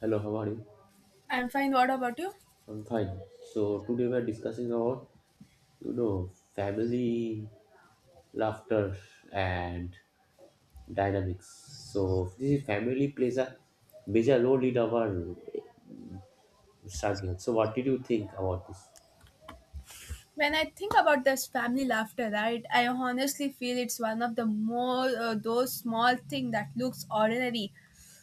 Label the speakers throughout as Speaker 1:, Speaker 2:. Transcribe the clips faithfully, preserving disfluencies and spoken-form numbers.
Speaker 1: Hello, how are you?
Speaker 2: I'm fine. What about you?
Speaker 1: I'm fine. So today we're discussing about, you know, family laughter and dynamics. So this family plays a major role in our struggle. So what did you think about this?
Speaker 2: When I think about this family laughter, right, I honestly feel it's one of the more uh, those small thing that looks ordinary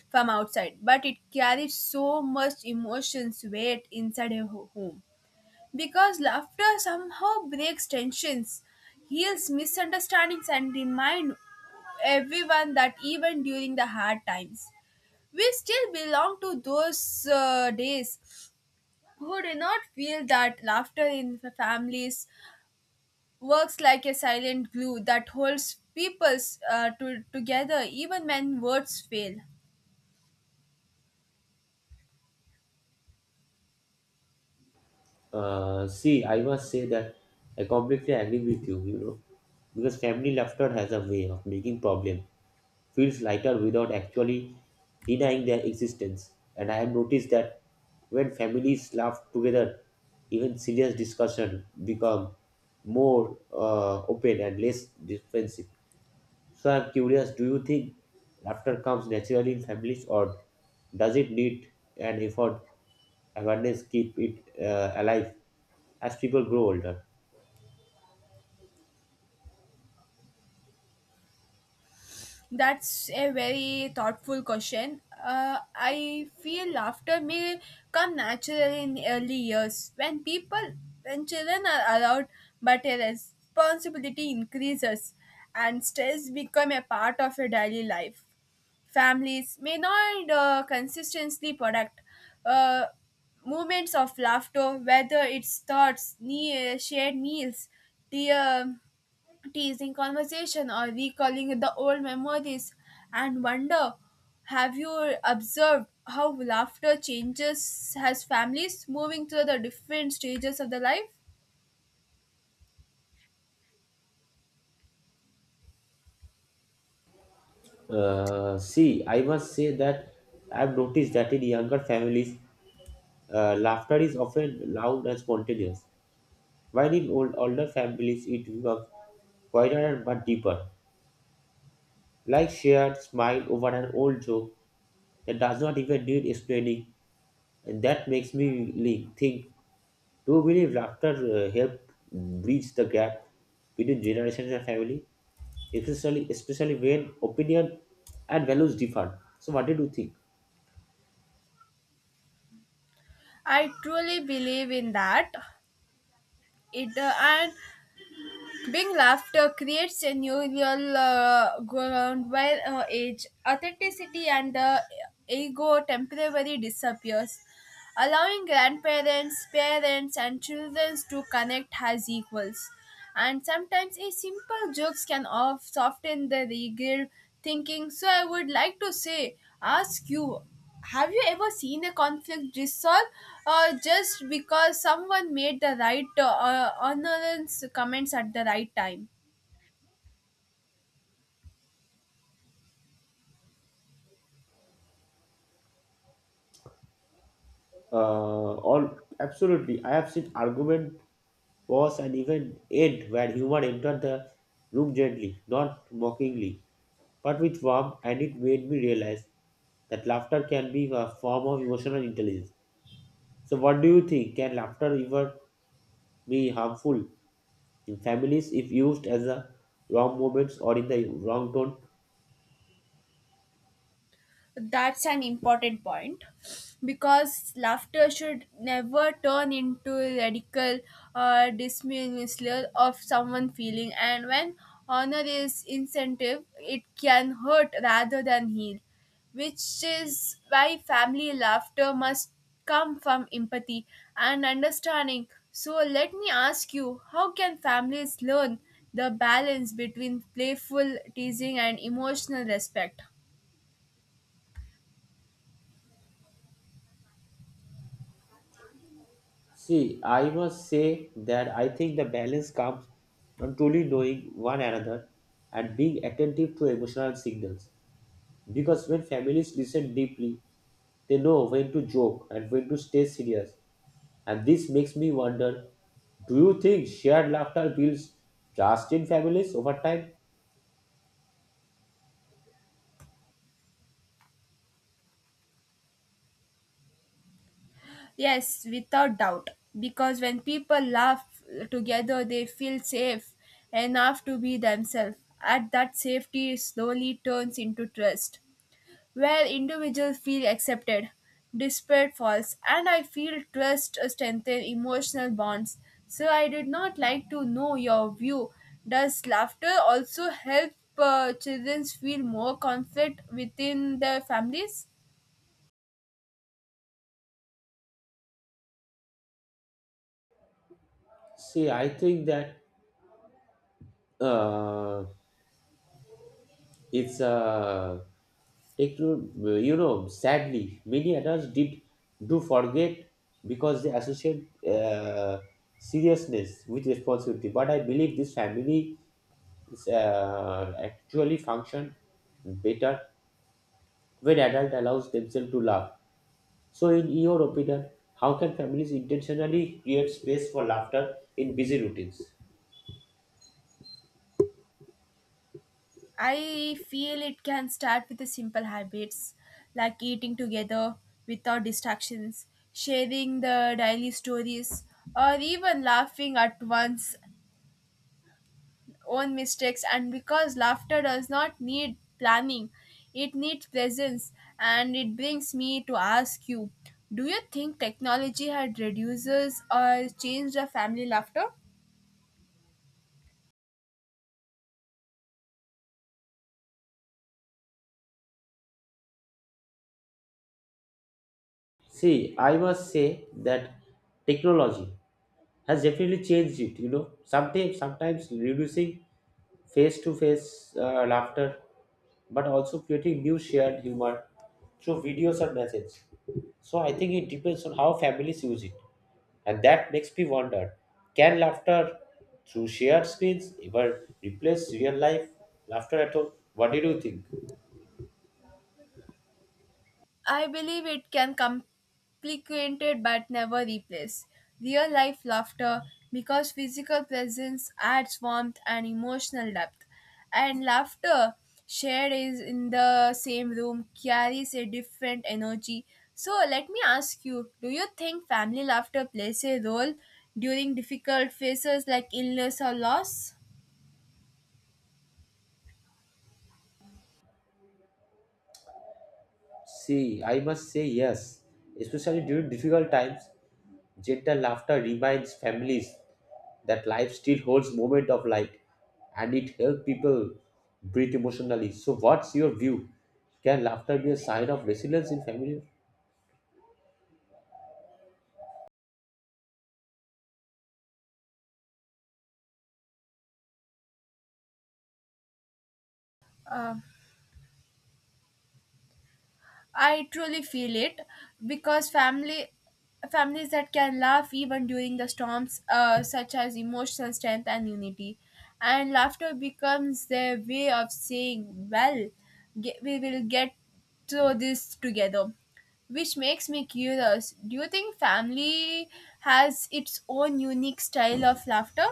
Speaker 2: from outside, but it carries so much emotions weight inside a ho- home because laughter somehow breaks tensions, heals misunderstandings, and remind everyone that even during the hard times, we still belong to those uh, days. Who do not feel that laughter in fa- families works like a silent glue that holds peoples uh, to, together even when words fail?
Speaker 1: Uh, see, I must say that I completely agree with you, you know, because family laughter has a way of making problem feels lighter without actually denying their existence. And I have noticed that when families laugh together, even serious discussion become more uh, open and less defensive. So I'm curious, do you think laughter comes naturally in families or does it need an effort, awareness, keep it uh, alive as people grow older?
Speaker 2: That's a very thoughtful question. Uh, I feel laughter may come naturally in early years when people, when children are allowed, but a responsibility increases and stress become a part of your daily life. Families may not uh, consistently product uh, moments of laughter, whether it's thoughts, nee- shared meals, tear teasing conversation or recalling the old memories and wonder, have you observed how laughter changes as families moving through the different stages of the life?
Speaker 1: Uh, see, I must say that I've noticed that in younger families, Uh, laughter is often loud and spontaneous, while in old, older families it becomes quieter but deeper, like shared smile over an old joke that does not even need explaining, and that makes me really think. Do you believe laughter uh, help bridge the gap between generations and family, especially especially when opinion and values differ? So, what did you think?
Speaker 2: I truly believe in that. It uh, and being laughter creates a new real uh, ground while uh, age, authenticity and the ego temporarily disappears, allowing grandparents, parents, and children to connect as equals. And sometimes a simple jokes can off soften the regret thinking. So I would like to say, ask you, have you ever seen a conflict resolve uh, just because someone made the right uh, uh, annoyance comments at the right time?
Speaker 1: Uh, all Absolutely. I have seen argument was an event end where human entered the room gently, not mockingly, but with warmth, and it made me realize that laughter can be a form of emotional intelligence. So, what do you think? Can laughter ever be harmful in families if used as a wrong moments or in the wrong tone?
Speaker 2: That's an important point because laughter should never turn into radical uh, dismissal of someone feeling, and when honor is incentive, it can hurt rather than heal, which is why family laughter must come from empathy and understanding. So, let me ask you, how can families learn the balance between playful teasing and emotional respect?
Speaker 1: See, I must say that I think the balance comes from truly knowing one another and being attentive to emotional signals. Because when families listen deeply, they know when to joke and when to stay serious. And this makes me wonder, do you think shared laughter builds trust in families over time?
Speaker 2: Yes, without doubt. Because when people laugh together, they feel safe enough to be themselves. At that safety slowly turns into trust, where individuals feel accepted, despite faults, and I feel trust strengthen emotional bonds. So I did not like to know your view. Does laughter also help uh, children feel more conflict within their families?
Speaker 1: See, I think that uh, it's uh, techno- you know, sadly, many adults did do forget because they associate uh, seriousness with responsibility. But I believe this family is, uh, actually function better when adult allows themselves to laugh. So, in your opinion, how can families intentionally create space for laughter in busy routines?
Speaker 2: I feel it can start with the simple habits like eating together without distractions, sharing the daily stories, or even laughing at one's own mistakes. And because laughter does not need planning, it needs presence. And it brings me to ask you, do you think technology had reduces or changed the family laughter?
Speaker 1: See, I must say that technology has definitely changed it. You know, sometimes sometimes reducing face-to-face uh, laughter, but also creating new shared humor through videos and messages. So, I think it depends on how families use it. And that makes me wonder, can laughter through shared screens ever replace real life laughter at all? What did you think?
Speaker 2: I believe it can complicate it but never replace real life laughter because physical presence adds warmth and emotional depth. And laughter shared is in the same room carries a different energy. So let me ask you, do you think family laughter plays a role during difficult phases like illness or loss?
Speaker 1: See, I must say yes. Especially during difficult times, gentle laughter reminds families that life still holds moment of light and it helps people breathe emotionally. So what's your view? Can laughter be a sign of resilience in family?
Speaker 2: Um I truly feel it because family families that can laugh even during the storms uh, such as emotional strength and unity, and laughter becomes their way of saying, well, ge- we will get through this together, which makes me curious, do you think family has its own unique style of laughter?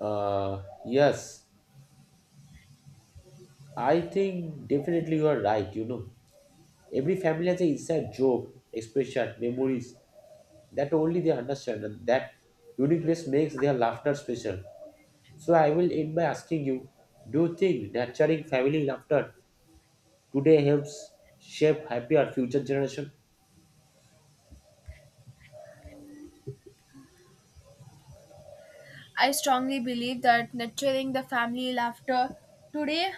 Speaker 1: Uh, yes, I think definitely you are right, you know. Every family has an inside joke, expression, memories that only they understand, and that uniqueness makes their laughter special. So I will end by asking you, do you think nurturing family laughter today helps shape happier future generation?
Speaker 2: I strongly believe that nurturing the family laughter today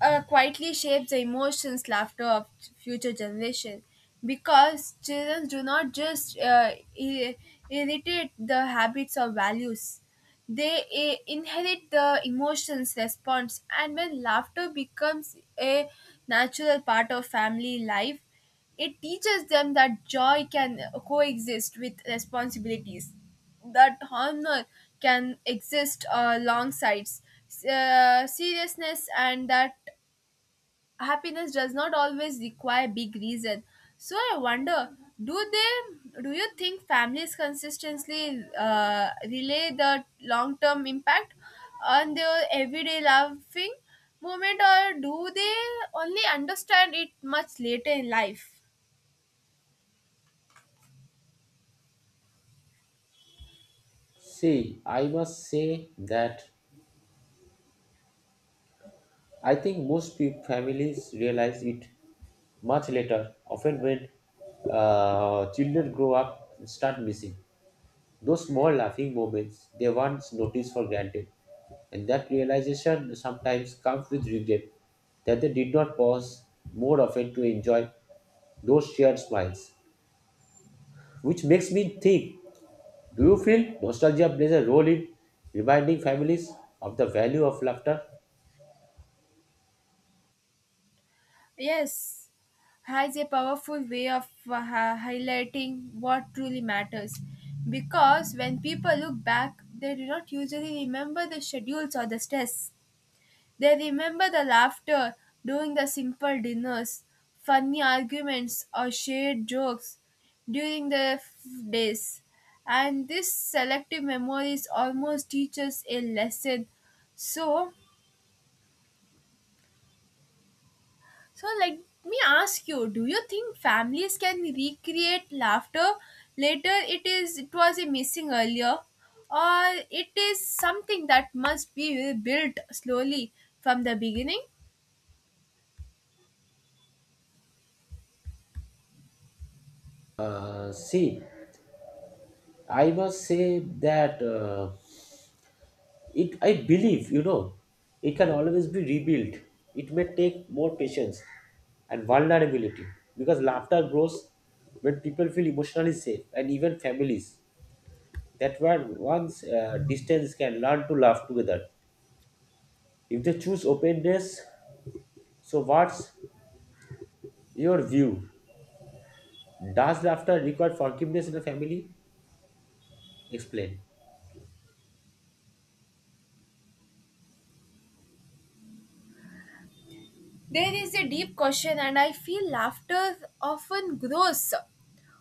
Speaker 2: uh, quietly shapes the emotions, laughter of future generation. Because children do not just uh, i- inherit the habits or values, they uh, inherit the emotions, response, and when laughter becomes a natural part of family life, it teaches them that joy can coexist with responsibilities, that honor can exist uh, alongside uh, seriousness, and that happiness does not always require big reason. So i wonder, do they do you think families consistently uh, relay the long term impact on their everyday laughing moment, or do they only understand it much later in life?
Speaker 1: See, I must say that I think most peop families realize it much later, often when uh, children grow up and start missing. Those small laughing moments they once noticed for granted, and that realization sometimes comes with regret that they did not pause more often to enjoy those shared smiles. Which makes me think, do you feel nostalgia plays a role in reminding families of the value of laughter?
Speaker 2: Yes, has a powerful way of uh, hi- highlighting what truly matters, because when people look back, they do not usually remember the schedules or the stress. They remember the laughter during the simple dinners, funny arguments, or shared jokes during the f- days. And this selective memories almost teaches a lesson. So, so let me ask you: do you think families can recreate laughter later? It is, it was a missing earlier, or it is something that must be built slowly from the beginning.
Speaker 1: Uh, see, I must say that. Uh, it I believe, you know it can always be rebuilt. It may take more patience and vulnerability because laughter grows when people feel emotionally safe, and even families that were once uh, distance can learn to laugh together if they choose openness. So what's your view? Does laughter require forgiveness in a family? Explain.
Speaker 2: There is a deep question, and I feel laughter often grows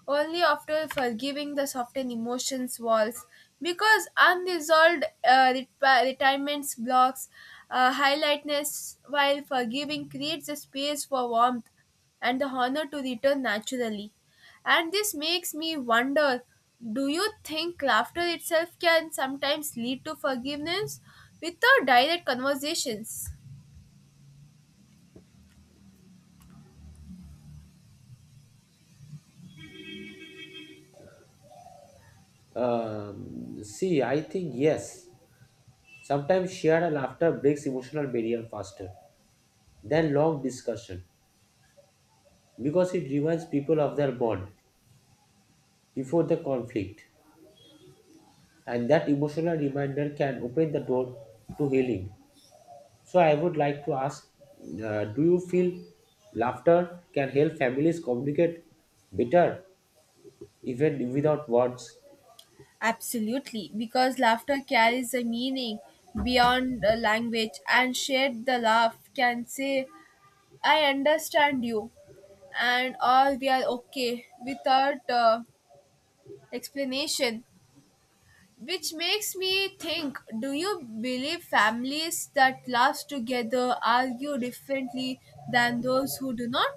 Speaker 2: only after forgiving the softened emotions walls, because unresolved uh, reti- retirements blocks uh, highlightness, while forgiving creates a space for warmth and the honor to return naturally. And this makes me wonder, do you think laughter itself can sometimes lead to forgiveness without direct conversations?
Speaker 1: Um, see, I think yes, sometimes shared laughter breaks emotional barrier faster than long discussion because it reminds people of their bond before the conflict, and that emotional reminder can open the door to healing. So, I would like to ask, uh, do you feel laughter can help families communicate better even without words?
Speaker 2: Absolutely, because laughter carries a meaning beyond the language, and shared the laugh can say, I understand you, and all we are okay without uh, explanation. Which makes me think, do you believe families that laugh together argue differently than those who do not?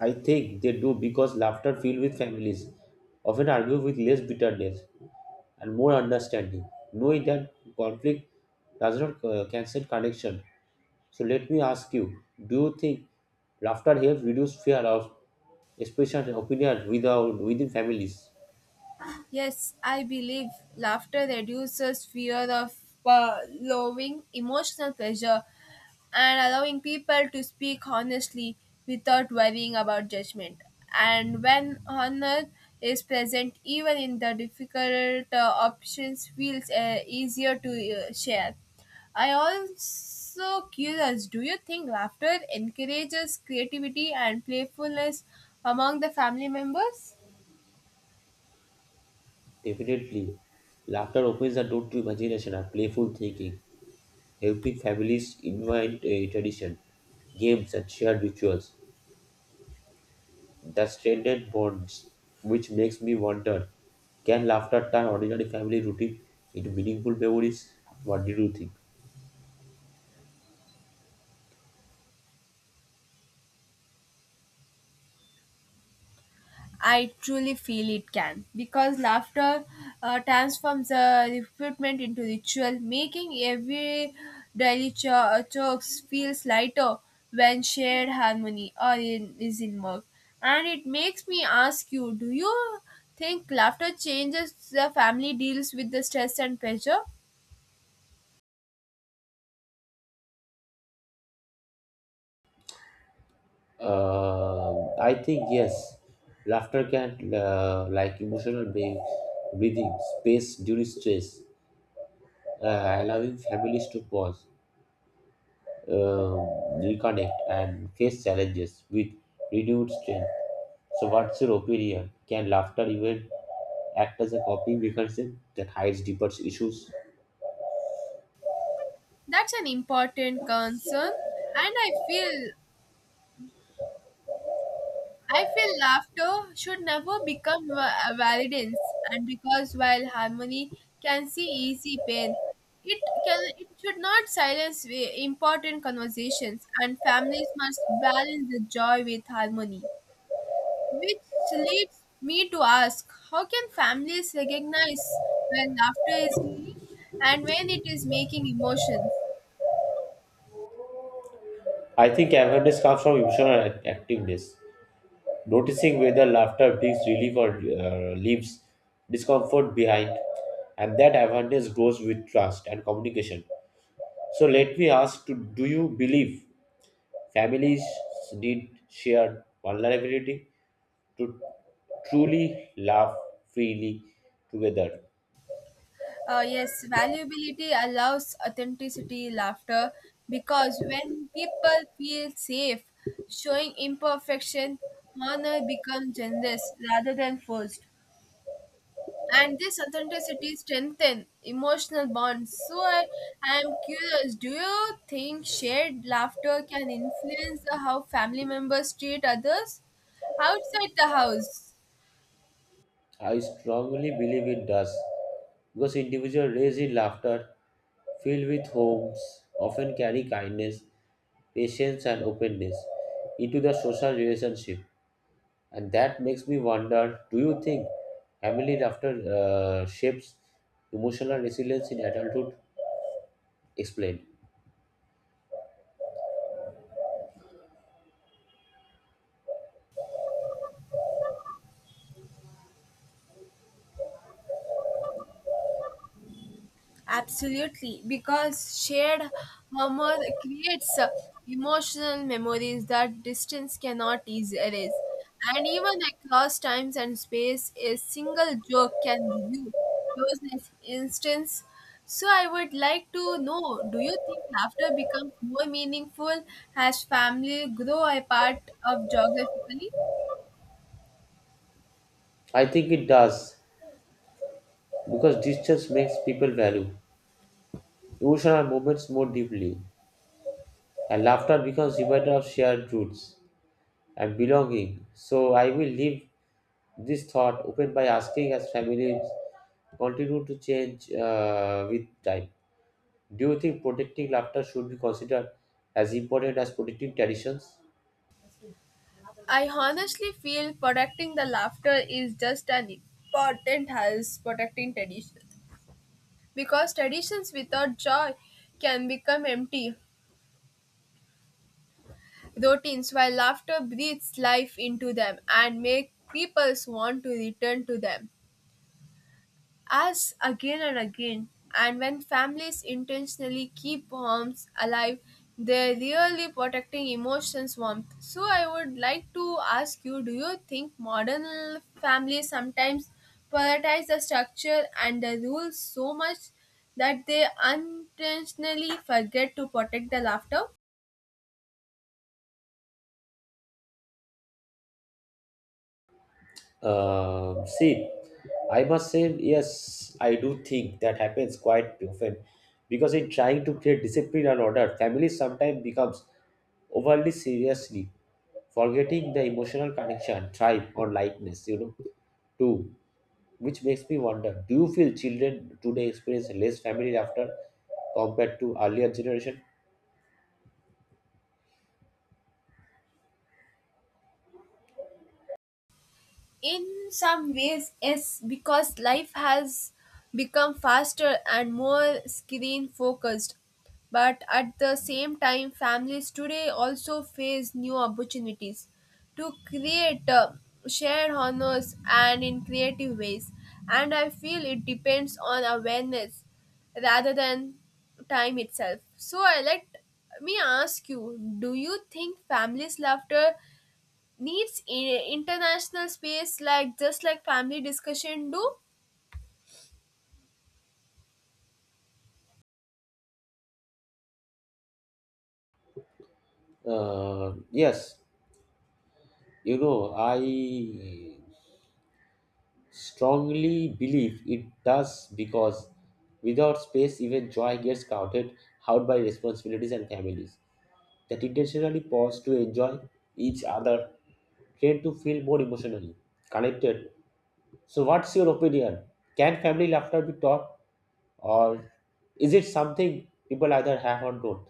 Speaker 1: I think they do because laughter filled with families often argue with less bitterness and more understanding, knowing that conflict does not uh, cancel connection. So let me ask you, do you think laughter helps reduce fear of expression and opinion without within families?
Speaker 2: Yes, I believe laughter reduces fear of uh, lowering emotional pressure and allowing people to speak honestly without worrying about judgment. And when honor is present, even in the difficult uh, options, feels uh, easier to uh, share. I also curious, do you think laughter encourages creativity and playfulness among the family members?
Speaker 1: Definitely. Laughter opens the door to imagination and playful thinking, helping families invent a tradition, games and shared rituals that strengthen bonds, which makes me wonder, can laughter turn ordinary family routine into meaningful memories? What do you think?
Speaker 2: I truly feel it can because laughter uh, transforms uh, recruitment into ritual, making every daily cho- chokes feels lighter when shared harmony or in, is in work. And it makes me ask you: do you think laughter changes the family deals with the stress and pressure?
Speaker 1: Um, I think yes, laughter can uh, like emotional being, breathing space during stress, uh, allowing families to pause, um, reconnect, and face challenges with renewed strength. So, what's your opinion? Can laughter even act as a coping mechanism that hides deeper issues?
Speaker 2: That's an important concern, and I feel I feel laughter should never become va- validance, and because while harmony can see easy pain, it can it should not silence i- important conversations, and families must balance the joy with harmony. Which leads me to ask, how can families recognize when laughter is healing and when it is making emotions?
Speaker 1: I think awareness comes from emotional act- activeness, noticing whether laughter brings relief or uh, leaves discomfort behind, and that awareness grows with trust and communication. So let me ask: to, Do you believe families need shared vulnerability to truly laugh freely together?
Speaker 2: Uh, yes, valuability allows authenticity, laughter, because when people feel safe, showing imperfection, honor becomes generous rather than forced. And this authenticity strengthens emotional bonds. So I, I am curious, do you think shared laughter can influence how family members treat others outside the house?
Speaker 1: I strongly believe it does because individual raised in laughter, filled with homes, often carry kindness, patience, and openness into the social relationship. And that makes me wonder, do you think family laughter uh, shapes emotional resilience in adulthood? Explain.
Speaker 2: Absolutely, because shared humor creates uh, emotional memories that distance cannot eas- erase. And even across times and space, a single joke can renew those instance. So I would like to know, do you think laughter becomes more meaningful as family grow apart of geographically?
Speaker 1: I think it does because distance makes people value emotional moments more deeply, and laughter becomes reminder of shared roots and belonging. So I will leave this thought open by asking as families continue to change uh, with time. Do you think protecting laughter should be considered as important as protecting traditions?
Speaker 2: I honestly feel protecting the laughter is just as important as protecting tradition, because traditions without joy can become empty routines while laughter breathes life into them and make people want to return to them as again and again. And when families intentionally keep homes alive, they're really protecting emotions warmth. So I would like to ask you, do you think modern families sometimes prioritize the structure and the rules so much that they unintentionally forget to protect the laughter?
Speaker 1: Uh, see, I must say, yes, I do think that happens quite often because in trying to create discipline and order, family sometimes becomes overly seriously, forgetting the emotional connection, tribe, or likeness, you know, too. Which makes me wonder, do you feel children today experience less family after compared to earlier generation?
Speaker 2: in some ways, yes, because life has become faster and more screen focused, but at the same time families today also face new opportunities to create uh, shared honors and in creative ways, and I feel it depends on awareness rather than time itself. So i let me ask you, do you think families laughter needs i- international space, like just like family discussion do?
Speaker 1: Uh, yes, you know, I strongly believe it does because without space, even joy gets crowded out by responsibilities and families that intentionally pause to enjoy each other, tend to feel more emotionally connected. So, what's your opinion? Can family laughter be taught, or is it something people either have or don't?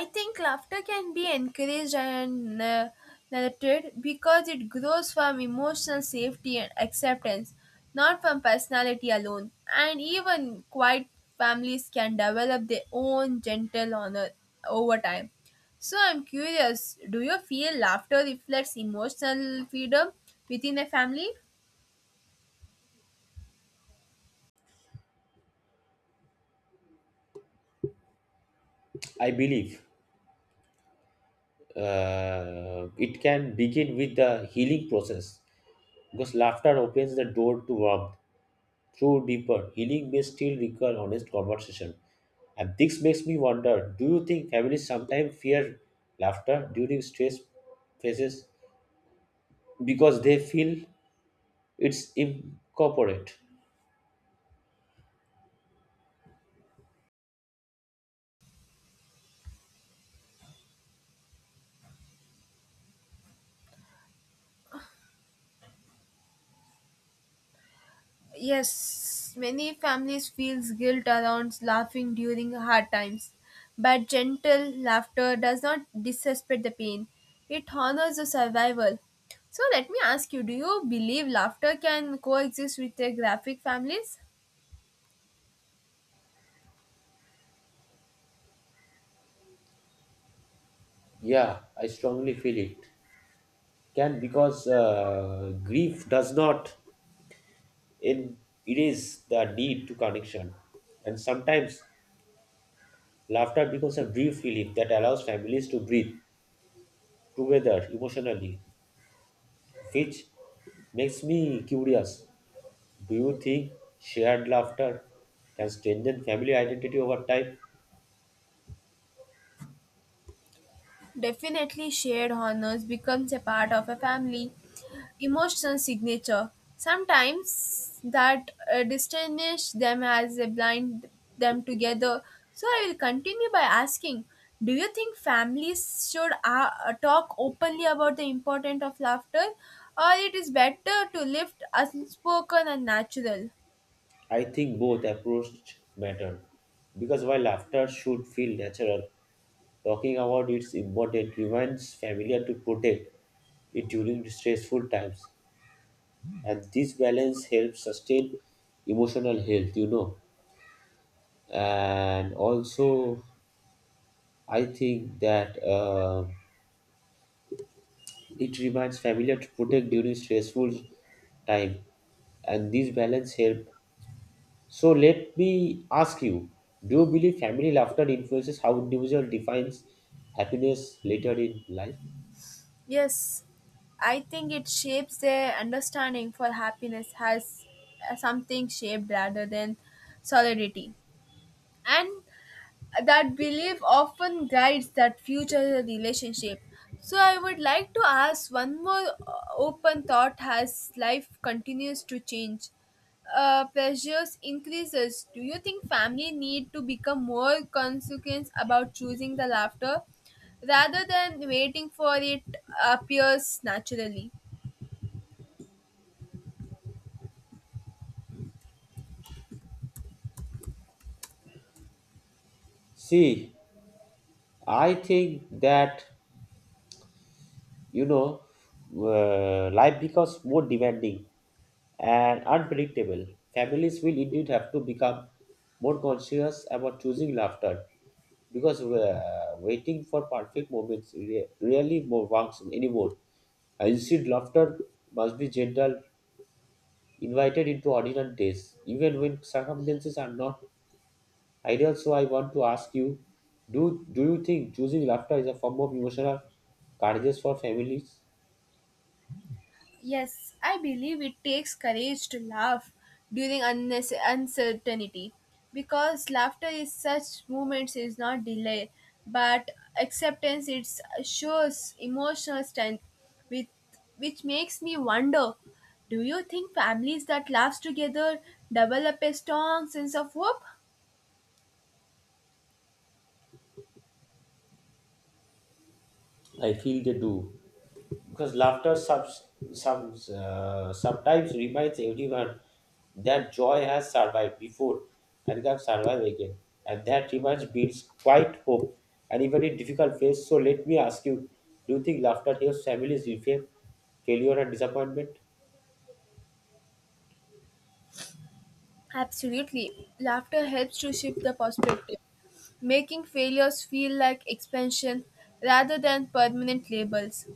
Speaker 2: I think laughter can be encouraged and uh, nurtured, because it grows from emotional safety and acceptance, not from personality alone, and even quiet families can develop their own gentle honor over time. So i'm curious, do you feel laughter reflects emotional freedom within a family?
Speaker 1: I believe uh, it can begin with the healing process because laughter opens the door to warmth through deeper healing may still require honest conversation. And this makes me wonder, do you think families sometimes fear laughter during stress phases because they feel it's incorporate?
Speaker 2: Yes, many families feels guilt around laughing during hard times, but gentle laughter does not dissipate the pain. It honors the survival. So let me ask you, do you believe laughter can coexist with the graphic families?
Speaker 1: Yeah, I strongly feel it. Can, because uh, grief does not in erase the need to connection, and sometimes laughter becomes a brief relief that allows families to breathe together emotionally, which makes me curious, do you think shared laughter can strengthen family identity over time?
Speaker 2: Definitely, shared honors becomes a part of a family emotional signature. Sometimes that uh, distinguish them as a blind them together. So I will continue by asking, do you think families should uh, uh, talk openly about the importance of laughter, or it is better to lift unspoken and natural?
Speaker 1: I think both approaches matter because while laughter should feel natural, talking about its importance reminds familiar to protect it during stressful times, and this balance helps sustain emotional health. You know, and also I think that uh, it reminds familiar to protect during stressful time, and this balance help. So let me ask you, do you believe family laughter influences how individual defines happiness later in life?
Speaker 2: Yes, I think it shapes their understanding for happiness has uh, something shaped rather than solidity. And that belief often guides that future relationship. So I would like to ask one more uh, open thought as life continues to change. Uh, pressures increases. Do you think family need to become more consequent about choosing the laughter rather than waiting for it appears naturally?
Speaker 1: See, I think that you know uh, life becomes more demanding and unpredictable. Families will indeed have to become more conscious about choosing laughter because uh, waiting for perfect moments re- really more works anymore. Instead, laughter must be gentle invited into ordinary days, even when circumstances are not ideal. So I want to ask you, do do you think choosing laughter is a form of emotional courage for families?
Speaker 2: Yes, I believe it takes courage to laugh during unnecess- uncertainty, because laughter is such moments is not delay but acceptance. It shows emotional strength with, which makes me wonder, do you think families that laugh together develop a strong sense of hope?
Speaker 1: I feel they do because laughter subs, subs, uh, sometimes reminds everyone that joy has survived before and can survive again, and that reminds builds quite hope and even in difficult phase. So let me ask you, do you think laughter helps families reframe failure and disappointment?
Speaker 2: Absolutely, laughter helps to shift the perspective, making failures feel like expansion rather than permanent labels,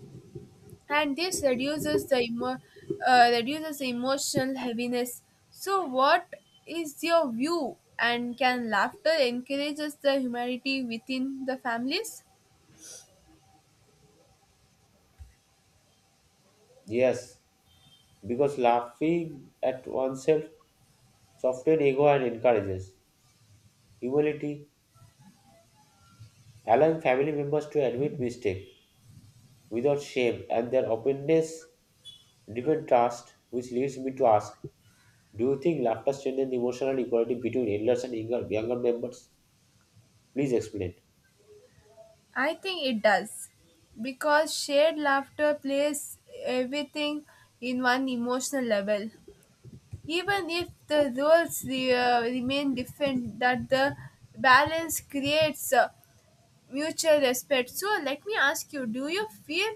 Speaker 2: and this reduces the emo- uh, reduces the emotional heaviness. So what is your view, and can laughter encourages the humanity within the families?
Speaker 1: Yes, because laughing at oneself softens ego and encourages humility, allowing family members to admit mistake without shame, and their openness deepens trust, which leads me to ask, do you think laughter strengthens the emotional equality between elders and younger, younger members? Please explain.
Speaker 2: I think it does because shared laughter plays everything in one emotional level, even if the roles re- uh, remain different, that the balance creates uh, mutual respect. So let me ask you, do you feel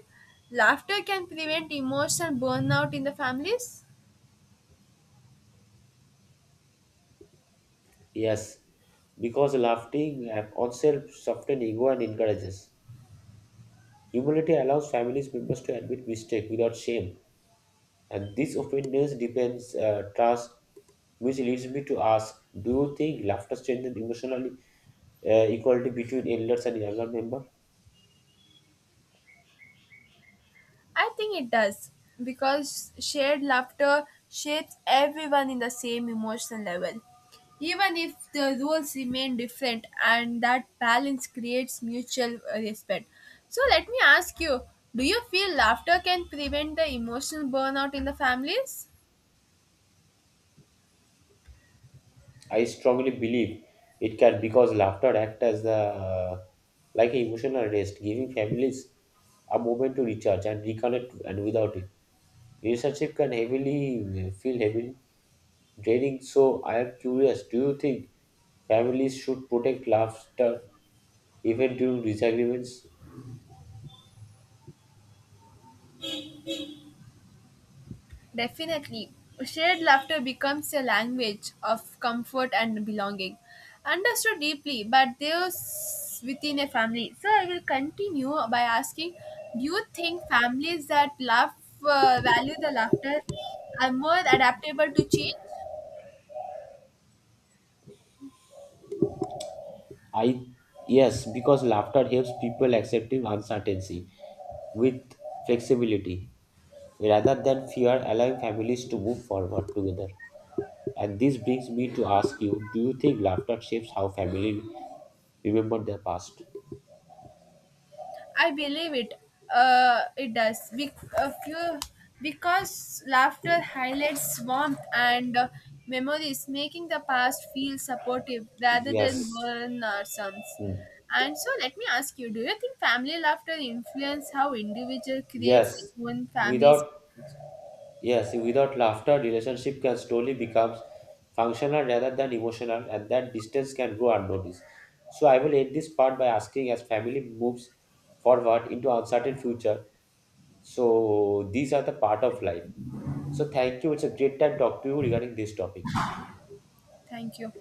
Speaker 2: laughter can prevent emotional burnout in the families?
Speaker 1: Yes, because laughing at oneself softens ego and encourages. Humility allows families members to admit mistake without shame, and this openness depends uh, trust, which leads me to ask: Do you think laughter strengthens emotional uh, equality between elders and younger members?
Speaker 2: I think it does because shared laughter shapes everyone in the same emotional level. Even if the rules remain different, and that balance creates mutual uh, respect. So, let me ask you, do you feel laughter can prevent the emotional burnout in the families?
Speaker 1: I strongly believe it can because laughter acts as the uh, like an emotional rest, giving families a moment to recharge and reconnect. And without it, relationship can heavily uh, feel heavily draining. So I am curious: Do you think families should protect laughter even during disagreements?
Speaker 2: Definitely. Shared laughter becomes a language of comfort and belonging. Understood deeply, but there's within a family. So I will continue by asking, do you think families that laugh uh, value the laughter are more adaptable to change?
Speaker 1: I Yes, because laughter helps people accepting uncertainty with flexibility rather than fear, allowing families to move forward together. And this brings me to ask you: Do you think laughter shapes how family remember their past?
Speaker 2: I believe it. Uh, it does. Be- a few, because laughter highlights warmth and uh, memories, making the past feel supportive rather than
Speaker 1: Yes.
Speaker 2: burden or sums.
Speaker 1: Hmm.
Speaker 2: And so, let me ask you: do you think family laughter influence how individual creates
Speaker 1: Yes.
Speaker 2: their own families?
Speaker 1: Without Yes, without laughter, relationship can slowly become functional rather than emotional, and that distance can go unnoticed. So I will end this part by asking as family moves forward into uncertain future. So these are the part of life. So thank you. It's a great time to talk to you regarding this topic.
Speaker 2: Thank you.